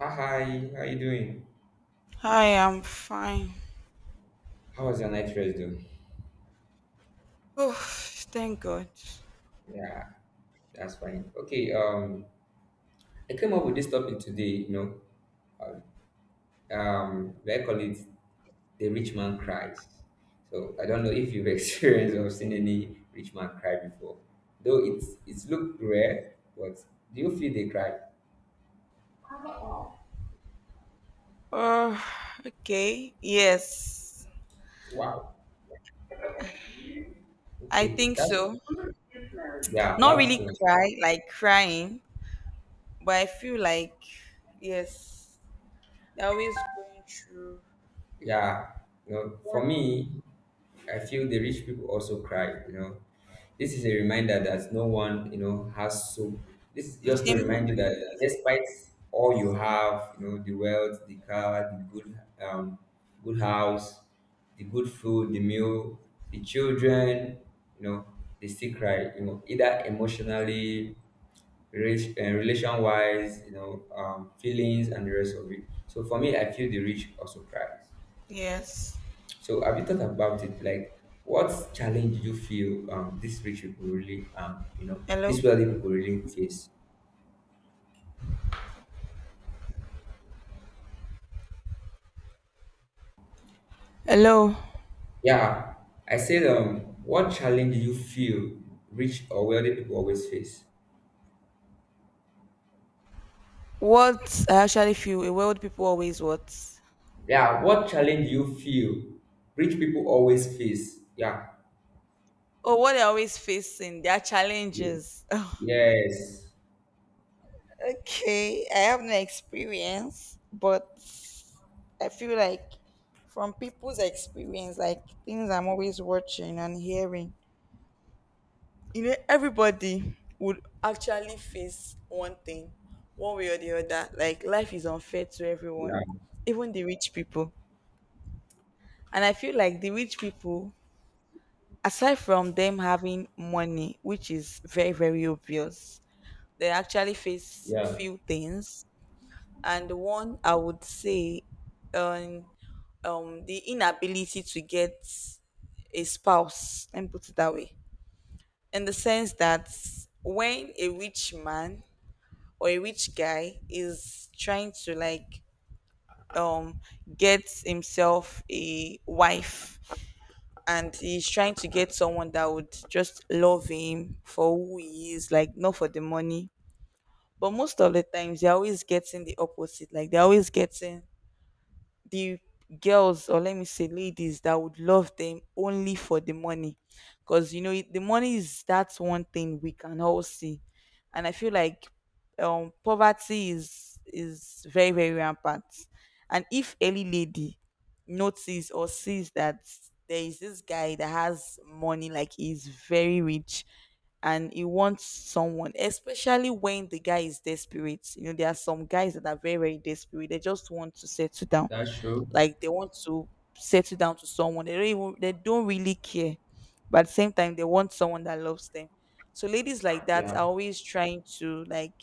Ah, hi, how you doing? Hi, I'm fine. How was your night rest though? Oh, thank God. Yeah, that's fine. Okay, I came up with this topic today, they call it the rich man cries. So I don't know if you've experienced or seen any rich man cry before, though it's looked rare, but do you feel they cry? Oh, okay. Yes, Wow. I Okay, think that's so. yeah, Not that's really true. cry, like crying, but I feel like, yes, they're always going through Yeah, you know, one for me, I feel the rich people also cry, you know. This is a reminder that no one, you know, has so. This is just to same. remind you that despite all you have, you know, the wealth, the car, the good, good house, the good food, the meal, the children, you know, they still cry. You know, either emotionally, relation wise, you know, feelings and the rest of it. So for me, I feel the rich also cries. Yes. So have you thought about it? Like, what challenge do you feel these rich people really you know Hello? these wealthy people really face? Hello. Yeah, I said what challenge do you feel rich or wealthy people always face? What I actually feel, a world people always what? Yeah, what challenge do you feel rich people always face? Yeah. Oh, what they're always facing, their challenges. Yes. Okay, I have no experience, but I feel like from people's experience, like things I'm always watching and hearing, everybody would actually face one thing, one way or the other. Like life is unfair to everyone, Yeah. even the rich people. And I feel like the rich people, aside from them having money, which is very, very obvious, they actually face Yeah. few things, and one I would say um the inability to get a spouse, and put it that way, in the sense that when a rich man or a rich guy is trying to like um get himself a wife, and he's trying to get someone that would just love him for who he is, like not for the money, but most of the times they're always getting the opposite, like they're always getting the girls, or let me say ladies that would love them only for the money, because it- the money is that's one thing we can all see. And I feel like poverty is very, very rampant, and if any lady notice or sees that there is this guy that has money, like he's very rich, and he wants someone, especially when the guy is desperate. You know, there are some guys that are very, very desperate. They just want to settle down, That's true. like they want to settle down to someone they don't even, they don't really care, but at the same time they want someone that loves them. So ladies like that Yeah. are always trying to like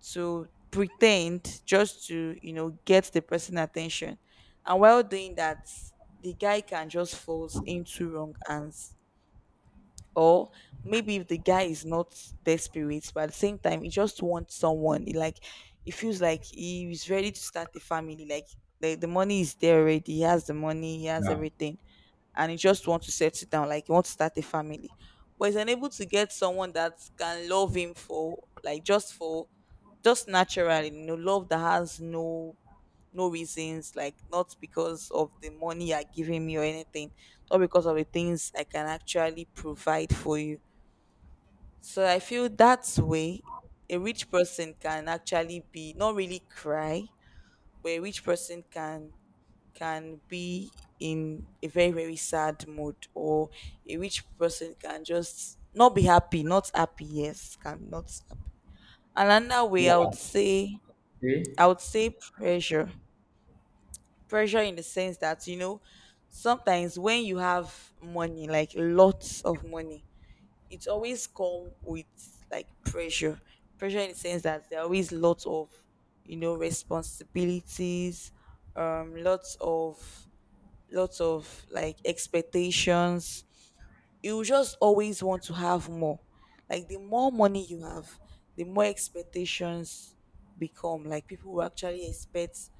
to pretend just to get the person attention, and while doing that the guy can just falls into wrong hands, or maybe if the guy is not desperate but at the same time he just wants someone he like, it feels like he is ready to start a family, like the money is there already, he has the money, he has Yeah. everything, and he just wants to settle down, like he wants to start a family, but he's unable to get someone that can love him for like just for just naturally, love that has no no reasons, like not because of the money you're giving me or anything, not because of the things I can actually provide for you. So I feel that way, a rich person can actually be not really cry, but a rich person can be in a very, very sad mood, or a rich person can just not be happy, not happy. Yes, can not happy. Another way I would Yeah. say, Okay. I would say pressure. Pressure in the sense that sometimes when you have money, like lots of money, it's always come with like pressure. Pressure in the sense that there are always lots of, responsibilities, um lots of lots of like expectations. You just always want to have more. Like the more money you have, the more expectations become, like people will actually expect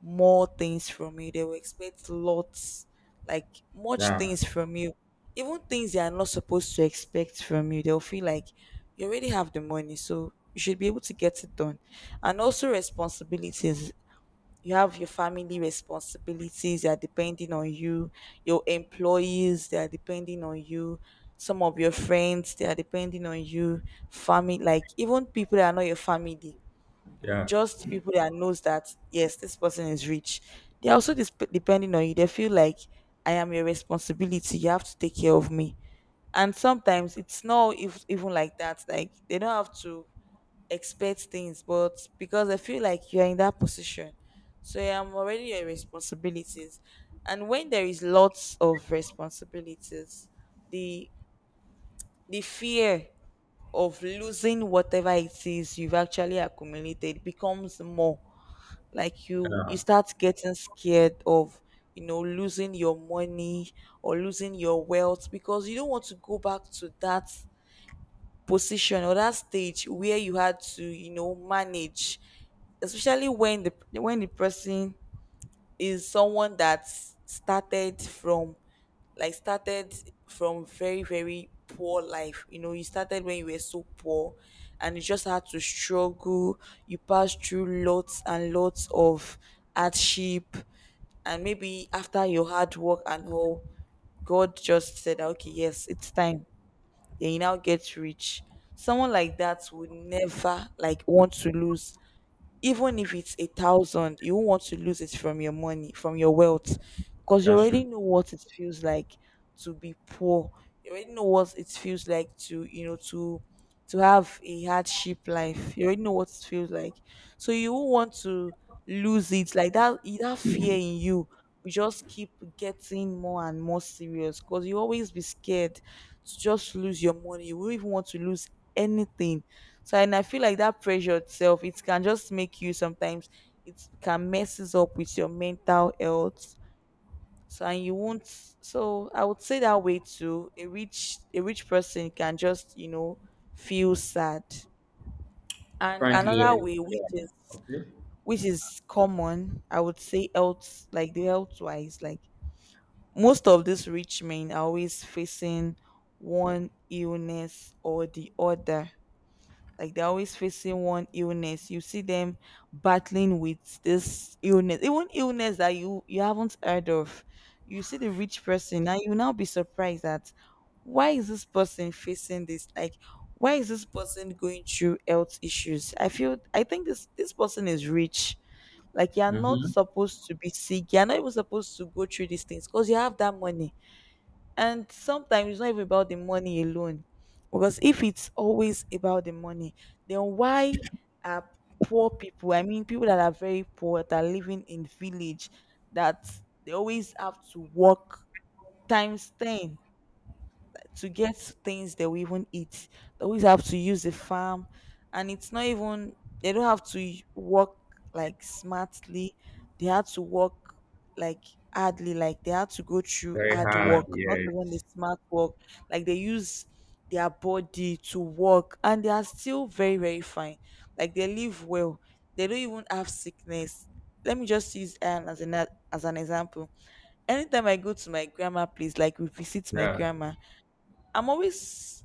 more things from you. They will expect lots, like much Yeah. things from you. Even things they are not supposed to expect from you. They'll feel like you already have the money, so you should be able to get it done. And also responsibilities. You have your family responsibilities, they are depending on you. Your employees, they are depending on you. Some of your friends, they are depending on you. Family, like even people that are not your family, Yeah. just people that knows that yes this person is rich, they're also dis- depending on you. They feel like I am your responsibility, you have to take care of me. And sometimes it's not if, even like that, like they don't have to expect things, but because I feel like you're in that position, so yeah, I'm already your responsibilities. And when there is lots of responsibilities, the the fear of losing whatever it is you've actually accumulated becomes more. Like you Yeah. start getting scared of losing your money, or losing your wealth, because you don't want to go back to that position or that stage where you had to manage, especially when the person is someone that started from like started from very, very poor life. You know, you started when you were so poor, and you just had to struggle. You passed through lots and lots of hardship, and maybe after your hard work and all, God just said okay, yes, it's time, then you now get rich. Someone like that would never like want to lose. Even if it's a thousand, you won't want to lose it from your money, from your wealth, because you That's already true. know what it feels like to be poor. You already know what it feels like to, to have a hardship life. You already know what it feels like, so you won't want to lose it. Like that, that fear in you will just keep getting more and more serious, because you always be scared to just lose your money. You won't even want to lose anything. So and I feel like that pressure itself, it can just make you sometimes, it can messes up with your mental health. So and you won't, so I would say that way too. A rich person can just, feel sad. And another Apparently. way Yeah. Okay. which is common, I would say health, like the health wise, like most of these rich men are always facing one illness or the other. Like they're always facing one illness. You see them battling with this illness, even illness that you haven't heard of. You see the rich person, and you now be surprised that why is this person facing this? Like why is this person going through health issues? I feel I think this person is rich. Like you're not Mm-hmm. supposed to be sick. You're not even supposed to go through these things because you have that money. And sometimes it's not even about the money alone. Because if it's always about the money, then why are poor people, I mean, people that are very poor, that are living in village, that they always have to work times 10 to get things that we even eat. They always have to use the farm, and it's not even, they don't have to y- work like smartly. They had to work like hardly, like they had to go through Very hard hard. work, not Yeah. even the smart work. Like they use their body to work, and they are still very, very fine. Like they live well. They don't even have sickness. Let me just use Anne as an example. Anytime I go to my grandma place, like we visit my Yeah. grandma, I'm always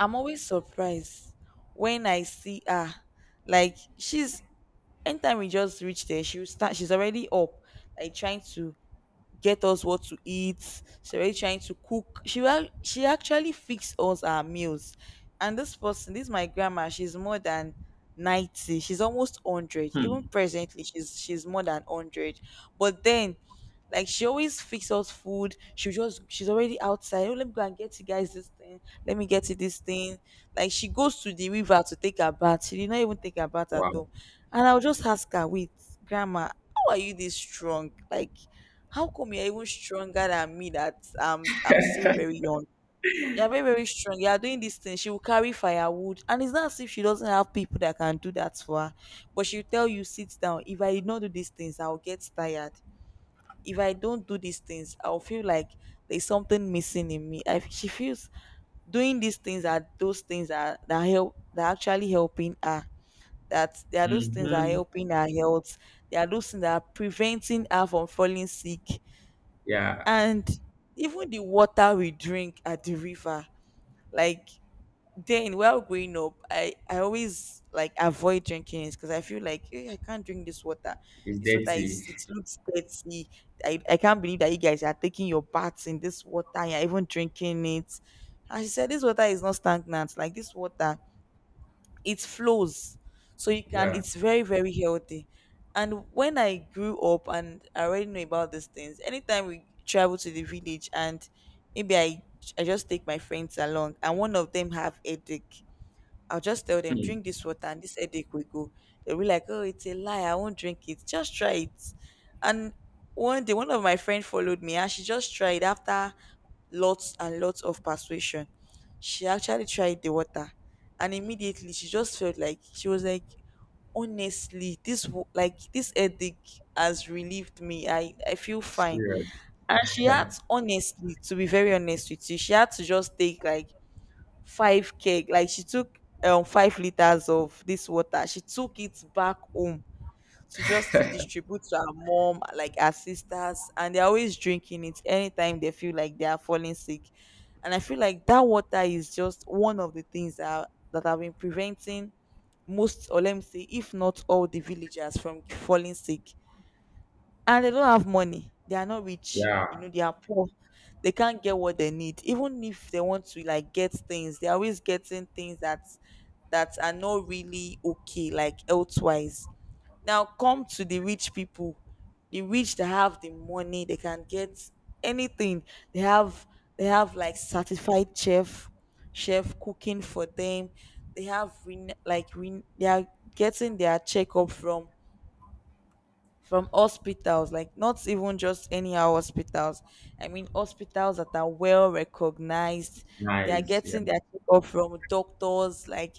I'm always surprised when I see her. Like she's, anytime we just reach there, she'll start, she's already up, like trying to get us what to eat. She already trying to cook. She wa- she actually fixed us our meals. And this person, this my grandma, she's more than 90. She's almost 100. Even Hmm. presently, she's more than 100. But then like she always fix us food. She just she's already outside. Oh, let me go and get you guys this thing. Let me get you this thing. Like she goes to the river to take a bath. She did not even take a bath at Wow. home. And I'll just ask her, wait, grandma, how are you this strong? Like how come you're even stronger than me that I'm still very young? You're very, very strong. You're doing this thing. She will carry firewood. And it's not as if she doesn't have people that can do that for her. But she'll tell you, sit down. If I did not do these things, I'll get tired. If I don't do these things, I'll feel like there's something missing in me. She feels doing these things are those things that, that help that are actually helping her, that there are those things that are Mm-hmm. helping her health, there are those things that are preventing her from falling sick. Yeah. And even the water we drink at the river, like, then while growing up, I always like avoid drinking it, because I feel like, "Eh, I can't drink this water, It's this water dirty. is it looks dirty. I can't believe that you guys are taking your baths in this water, you're even drinking it." And she said this water is not stagnant, like this water, it flows, so you can Yeah. it's very very healthy. And when I grew up and I already know about these things, anytime we travel to the village and maybe I just take my friends along and one of them have headache, I'll just tell them, Hmm. "Drink this water and this headache will go." They'll be like, "Oh, it's a lie. I won't drink it." "Just try it." And one day, one of my friends followed me and she just tried after lots and lots of persuasion. She actually tried the water. And immediately she just felt like, she was like, "Honestly, like, this headache has relieved me. I feel fine." Serious. And she had, honestly, to be very honest with you, she had to just take like five keg like she took 5 liters of this water. She took it back home to just distribute to her mom, like her sisters, and they're always drinking it anytime they feel like they are falling sick. And I feel like that water is just one of the things that have been preventing most, or let me say if not all, the villagers from falling sick. And they don't have money. They are not rich. You Yeah. know, they are poor. They can't get what they need. Even if they want to, like, get things, they're always getting things that are not really okay, like elsewise. Now come to the rich people. The rich that have the money, they can get anything. They have they have like certified chef cooking for them. They have ren- like ren- they are getting their checkup from hospitals, like not even just anyhow hospitals. I mean, hospitals that are well recognized. They are Nice. Yeah. getting their checkup from doctors, like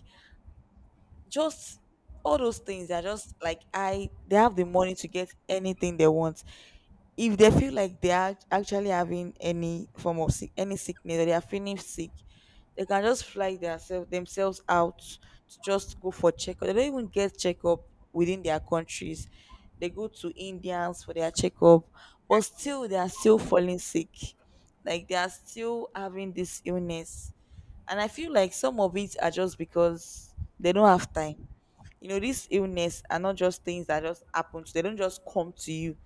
just all those things. They are just like I. They have the money to get anything they want. If they feel like they are actually having any form of sick, any sickness, or they are feeling sick, they can just fly themselves out to just go for checkup. They don't even get checkup within their countries. They go to Indians for their checkup, but still they are still falling sick. Like they are still having this illness. And I feel like some of it are just because they don't have time. You know, these illness are not just things that just happen to they don't just come to you.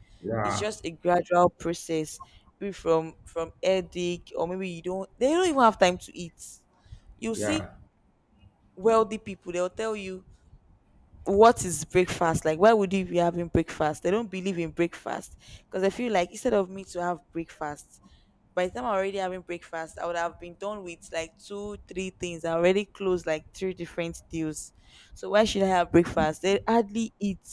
It's Yeah. just a gradual process. Maybe from headache, or maybe you don't they don't even have time to eat, you see. Yeah. Wealthy people, they'll tell you, "What is breakfast? Like, why would you be having breakfast?" They don't believe in breakfast. Because I feel like, "Instead of me to have breakfast, by the time I'm already having breakfast, I would have been done with like two three things. I already closed like three different deals. So why should I have breakfast?" They hardly eat.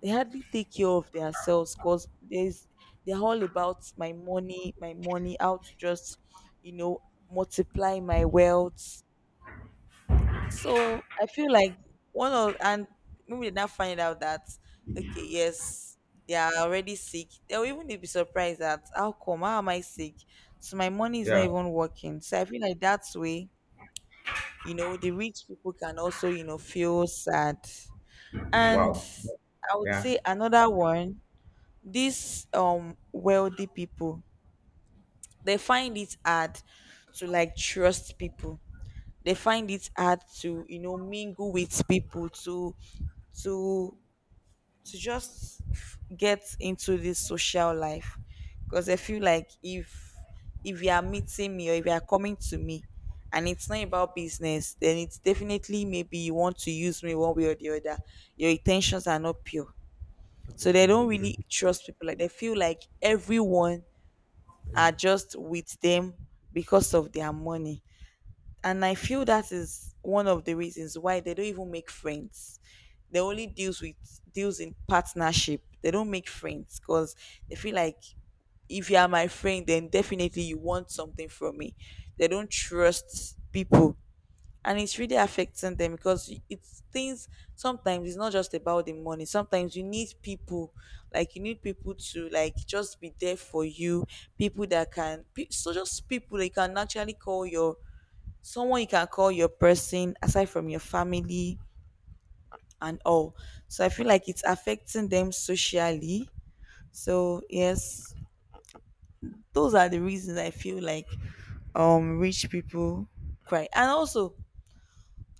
They hardly take care of themselves, because there's they're all about my money, my money, how to just, you know, multiply my wealth. So I feel like, one of and maybe they now find out that, okay, yes, they are already sick. They'll even be surprised that, "How come? How am I sick? So my money is not Yeah. even working." So I feel like that's way, the rich people can also, feel sad. And Wow. I would Yeah. say another one, these wealthy people, they find it hard to, like, trust people. They find it hard to, mingle with people to to just get into this social life. Because I feel like, if you are meeting me, or if you are coming to me, and it's not about business, then it's definitely maybe you want to use me one way or the other. Your intentions are not pure. So they don't really trust people. Like they feel like everyone are just with them because of their money. And I feel that is one of the reasons why they don't even make friends. They only deals in partnership. They don't make friends because they feel like, "If you are my friend, then definitely you want something from me." They don't trust people. And it's really affecting them, because it's things, sometimes it's not just about the money. Sometimes you need people, like you need people to, like, just be there for you. People that can pe- So just people they can actually call your someone you can call your person aside from your family and all. So I feel like it's affecting them socially. So yes, those are the reasons I feel like rich people cry. And also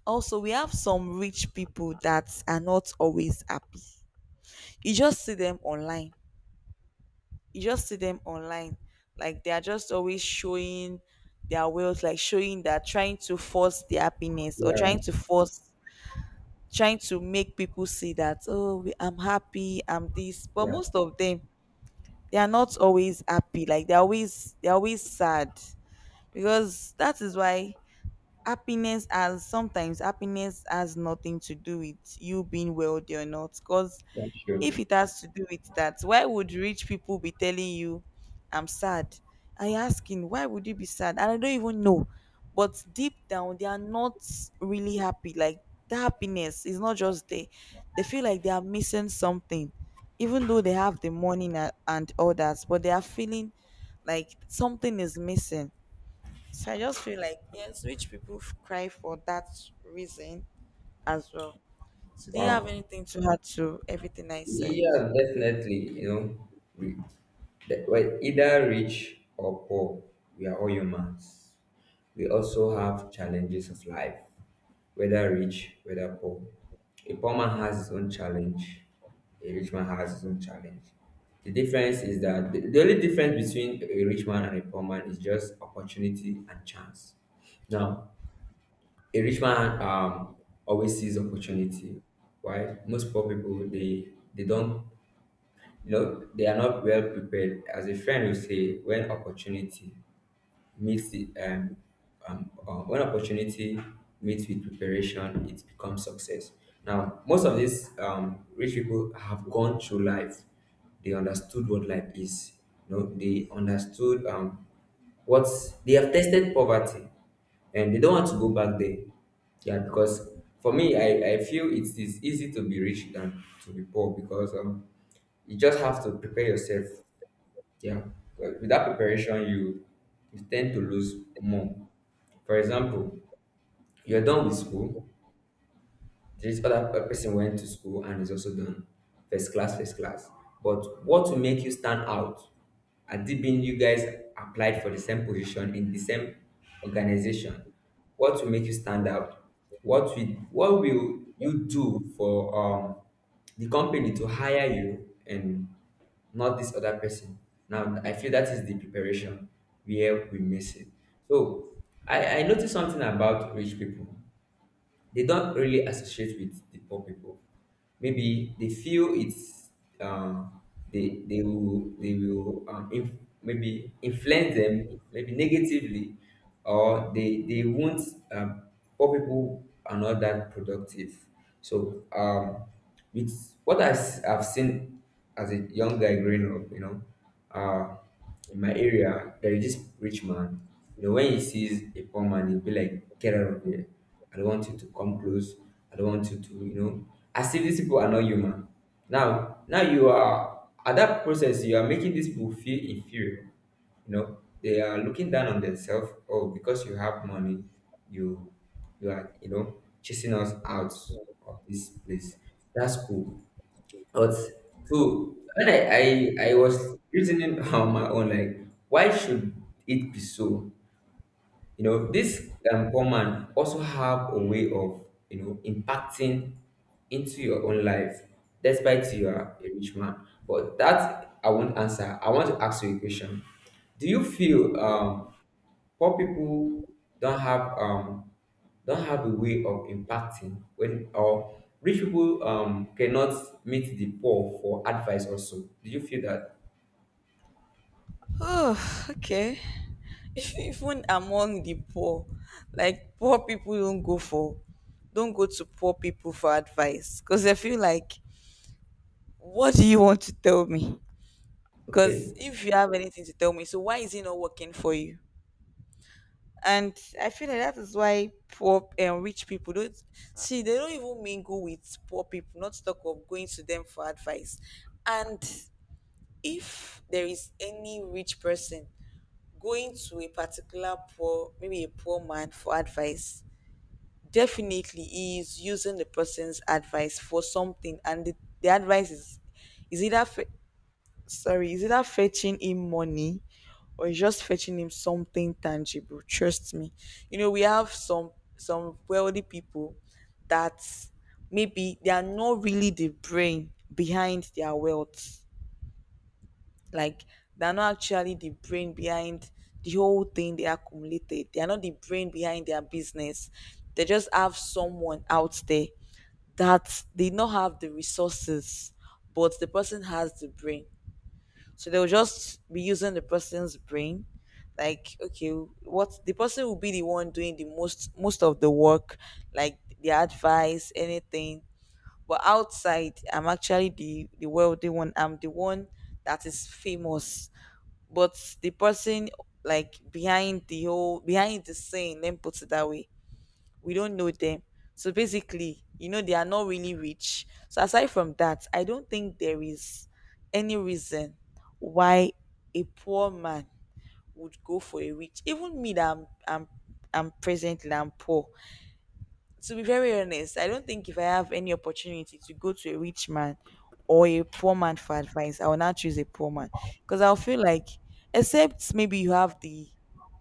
also we have some rich people that are not always happy. You just see them online. You just see them online. Like they are just always showing their wealth, like showing that, trying to force their happiness, or trying Yeah. to force trying to make people see that, "Oh, I'm happy, I'm this." But Yeah. most of them, they are not always happy. Like they're always sad. Because that is why happiness has sometimes happiness has nothing to do with you being wealthy or not. Because Yeah. Sure. if it has to do with that, why would rich people be telling you, "I'm sad"? I asking, why would you be sad and I don't even know? But deep down, they are not really happy. Like the happiness is not just there. They feel like they are missing something. Even though they have the money and all that, but they are feeling like something is missing. So I just feel like, yes, rich people cry for that reason as well. So do you have Wow. anything to add to everything I said? Yeah, definitely. You know, we, the, well, either rich or poor, we are all humans. We also have challenges of life, whether rich, whether poor. A poor man has his own challenge. A rich man has his own challenge. The difference is that the only difference between a rich man and a poor man is just opportunity and chance. Now, a rich man always sees opportunity, right? Most poor people they don't, you know, they are not well prepared. As a friend will say, when opportunity meets the when opportunity meets with preparation, it becomes success. Now most of these rich people have gone through life, they understood what life is, you know, they understood what, they have tested poverty, and they don't want to go back there. Yeah, because for me, I feel it is easy to be rich than to be poor, because you just have to prepare yourself. Yeah. But without preparation, you tend to lose more. For example, you're done with school, there is other person went to school and is also done, first class, first class. But what will make you stand out? Had it been you guys applied for the same position in the same organization, what will make you stand out? What will what will you do for the company to hire you and not this other person. Now, I feel that is the preparation where we miss it. So, I noticed something about rich people, they don't really associate with the poor people. Maybe they feel it's um, they maybe influence them maybe negatively, or they won't, um, poor people are not that productive. So with what I've seen as a young guy growing up, you know, uh, in my area there is this rich man, you know, when he sees a poor man he'll be like, get out of here, I don't want you to come close, I don't want you to, you know, as if these people are not human. Now you are at that process, you are making these people feel inferior, you know, they are looking down on themselves. Oh, because you have money, you you are, you know, chasing us out of this place. That's cool, but so when I was reasoning on my own, like why should it be so? You know, this poor man also have a way of, you know, impacting into your own life, despite you are a rich man. But that I won't answer. I want to ask you a question. Do you feel poor people don't have um don't have a way of impacting when, or rich people cannot meet the poor for advice, also do you feel that. Oh, okay. Even among the poor, like poor people don't go to poor people for advice, because I feel like, what do you want to tell me? Because Okay. if you have anything to tell me, so why is it not working for you? And I feel like that is why poor and rich people don't see they don't even mingle with poor people, not talk of going to them for advice. And if there is any rich person going to a particular poor, maybe a poor man, for advice, definitely he is using the person's advice for something, and the advice is either fa- is either fetching him money, or it's just fetching him something tangible. Trust me. You know, we have some wealthy people that maybe they are not really the brain behind their wealth. Like they are not actually the brain behind the whole thing they accumulated. They are not the brain behind their business. They just have someone out there, that they not have the resources, but the person has the brain, so they'll just be using the person's brain. Like, okay, what the person will be the one doing the most of the work, like the advice, anything. But outside, I'm actually the wealthy one. I'm the one that is famous. But the person, like, behind the scene, let me put it that way, we don't know them. So basically, you know, they are not really rich. So aside from that, I don't think there is any reason why a poor man would go for a rich. Even me that I'm presently I'm poor. To be very honest, I don't think if I have any opportunity to go to a rich man or a poor man for advice, I will not choose a poor man, because I'll feel like, except maybe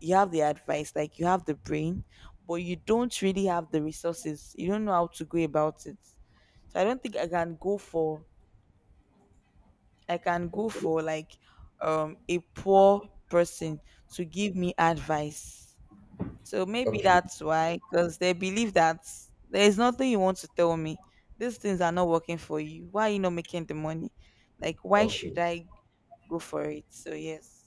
you have the advice, like you have the brain, but you don't really have the resources. You don't know how to go about it. So I don't think I can go Okay. for like a poor person to give me advice. So maybe Okay. that's why, because they believe that there's nothing you want to tell me. These things are not working for you. Why are you not making the money? Like, why should Okay, I go for it? So, yes.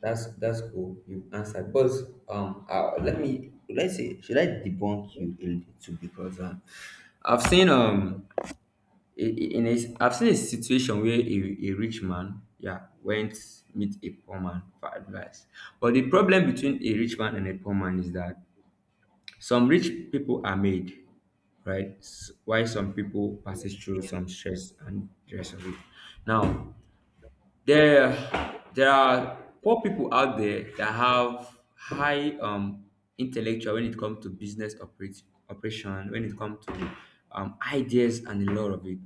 that's cool, you answered, but let me, let's say should I debunk you a little too? Because I've seen I've seen a situation where a rich man, yeah, went meet a poor man for advice. But the problem between a rich man and a poor man is that some rich people are made, right? While some people passes through Yes. some stress and the rest of it. Now, there there are poor people out there that have high intellectual when it comes to operation, when it comes to ideas and a lot of it,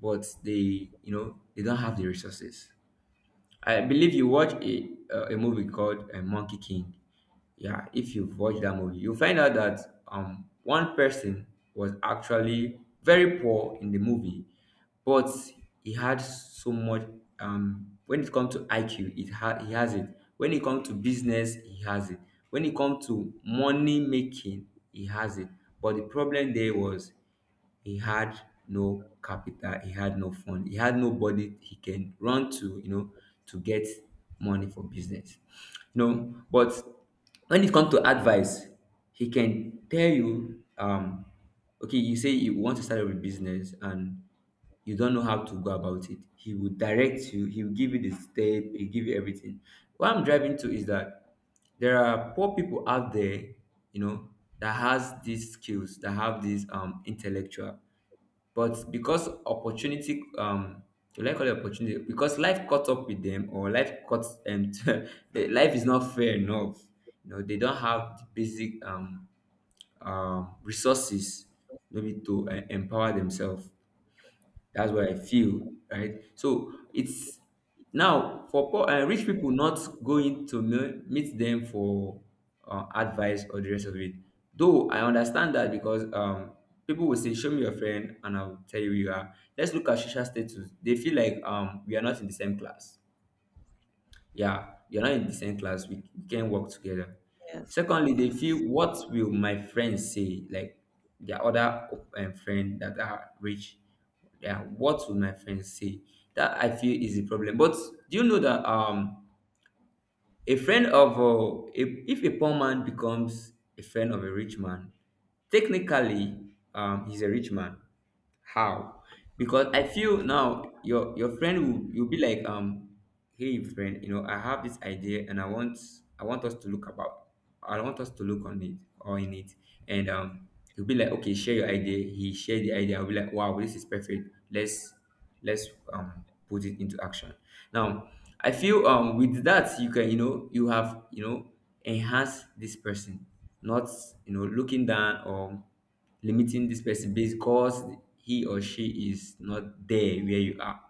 but they, you know, they don't have the resources. I believe you watch a movie called Monkey King. Yeah, if you've watched that movie, you'll find out that one person was actually very poor in the movie, but he had so much when it comes to IQ, he has it. When it comes to business, he has it. When it comes to money making, he has it. But the problem there was he had no capital, he had no fund, he had nobody he can run to, you know, to get money for business. You know, but when it comes to advice, he can tell you, okay, you say you want to start a business and you don't know how to go about it. He will direct you, he'll give you the step, he'll give you everything. What I'm driving to is that there are poor people out there, you know, that has these skills, that have this intellectual. But because opportunity do I call it opportunity? Because life caught up with them or life caught the life is not fair enough. You know, they don't have the basic resources maybe to empower themselves. That's what I feel, right? So it's now for poor, rich people not going to meet them for advice or the rest of it. Though I understand that, because people will say, "Show me your friend," and I'll tell you who you are. Let's look at social status. They feel like we are not in the same class, yeah, you're not in the same class, we can work together. Yes. Secondly, they feel, Yes. what will my friends say, like their other friend that are rich, yeah, what will my friends say? That I feel is the problem. But do you know that a friend of if a poor man becomes a friend of a rich man, technically he's a rich man. How? Because I feel now your friend will, you'll be like, hey friend, you know, I have this idea and I want, I want us to look about, I want us to look on it or in it, and he'll be like, okay, share your idea. He shared the idea, I'll be like, wow, this is perfect, let's put it into action. Now I feel with that you can, you know, you have, you know, enhance this person, not, you know, looking down or limiting this person because he or she is not there where you are.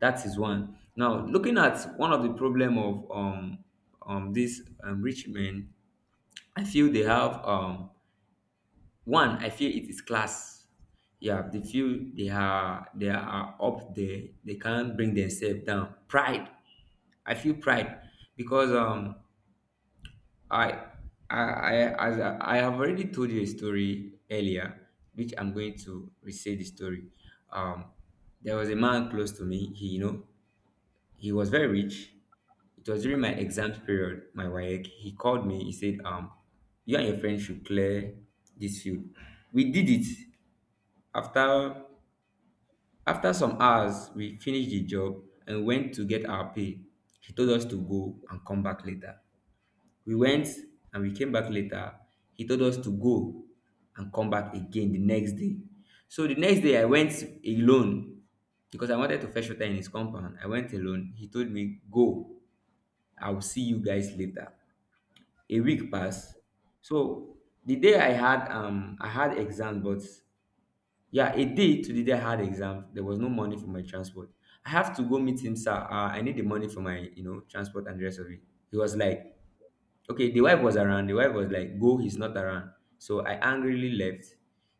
That is one. Now, looking at one of the problem of these rich men, I feel they have one. I feel it is class. Yeah, they feel they are, they are up there. They can't bring themselves down. Pride. I feel pride because I, I, I, as I have already told you a story earlier, which I'm going to restate the story. Um, there was a man close to me. He, you know, he was very rich. It was during my exams period, my WAEC. He called me. He said, you and your friend should clear this field. We did it. After After some hours, we finished the job and went to get our pay. He told us to go and come back later. We went and we came back later. He told us to go and come back again the next day. So the next day I went alone because I wanted to fetch water in his compound. I went alone. He told me, go, I'll see you guys later. A week passed. So the day I had exam, but yeah, a day to the day I had exam, there was no money for my transport. I have to go meet him, sir. I need the money for my, transport and the rest of it. He was like, okay, the wife was around. The wife was like, go, he's not around. So I angrily left.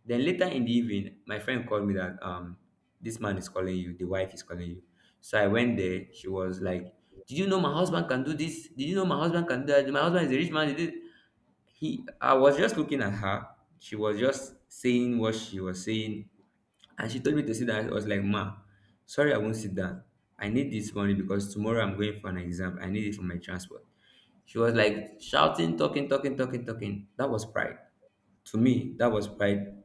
Then later in the evening, my friend called me that this man is calling you, the wife is calling you. So I went there. She was like, did you know my husband can do this? Did you know my husband can do that? My husband is a rich man. He I was just looking at her. She was just saying what she was saying, and she told me to sit down. I was like, Ma, sorry, I won't sit down. I need this money because tomorrow I'm going for an exam. I need it for my transport. She was like shouting, talking, talking, talking, talking. That was pride. To me, that was pride.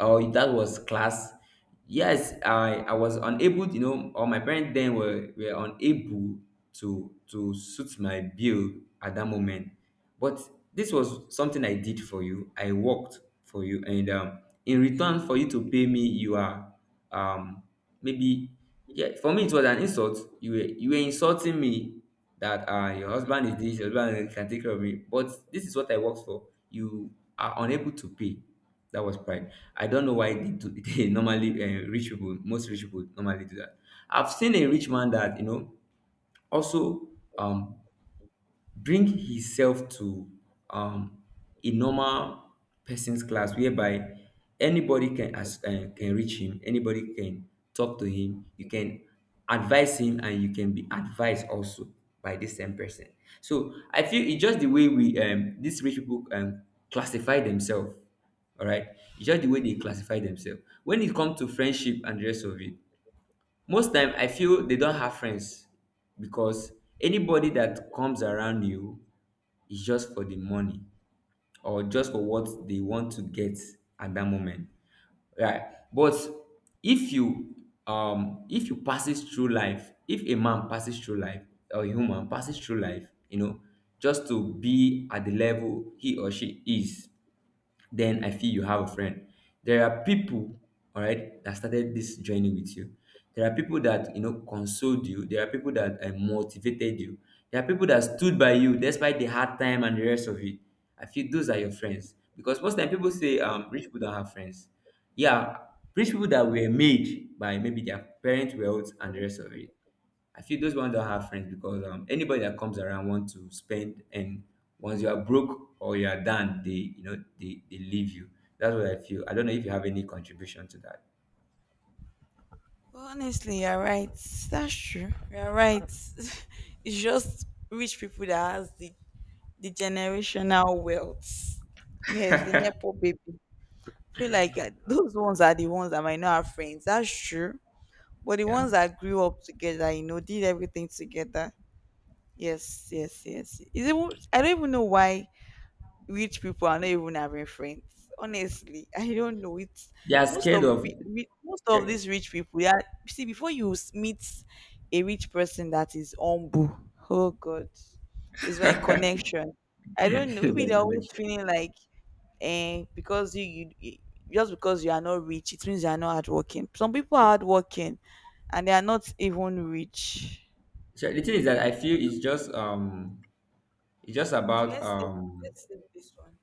Oh, that was class. Yes, I was unable, you know, or my parents then were unable to suit my bill at that moment. But this was something I did for you. I worked for you, and in return for you to pay me, you are, um maybe, yeah, for me it was an insult. You were you were insulting me. That, your husband is this, your husband can take care of me, but this is what I worked for. You are unable to pay. That was pride. I don't know why they do they normally, rich people, most rich people normally do that. I've seen a rich man that, you know, also, um bring himself to, um a normal person's class, whereby anybody can, as can reach him. Anybody can talk to him. You can advise him, and you can be advised also by this same person. So I feel it's just the way we, these rich people, classify themselves. All right, it's just the way they classify themselves when it comes to friendship and the rest of it. Most time I feel they don't have friends, because anybody that comes around you is just for the money, or just for what they want to get at that moment. Right. But if you, if you passes through life, if a man passes through life, or a woman passes through life, you know, just to be at the level he or she is, then I feel you have a friend. There are people, all right, that started this journey with you. There are people that, you know, consoled you. There are people that, motivated you. There are people that stood by you despite the hard time and the rest of it. I feel those are your friends, because most time people say, Yes. Rich people don't have friends. Yeah, rich people that were made by maybe their parents' wealth and the rest of it. I feel those ones don't have friends because, anybody that comes around want to spend, and once you are broke or you are done, they, they leave you. That's what I feel. I don't know if you have any contribution to that. Well, honestly, you're right. That's true. You're right. It's just rich people that has the generational wealth. Yes, the Nepo baby. Feel like, those ones are the ones that might not have friends. That's true. But the Yeah, ones that grew up together, you know, did everything together. Yes, yes, yes, yes. Is it? I don't even know why rich people are not even having friends. Honestly, I don't know. It's they are most scared of of pe- ri- most yeah. of these rich people. Yeah, see, before you meet a rich person that is humble, oh God, it's like connection. I don't It's know. Maybe like they're always connection. feeling like, "Eh, because you- just because you are not rich, it means you are not hardworking." Some people are hardworking, and they are not even rich. So the thing is that I feel it's just, it's just So about let's see. Let's see this one.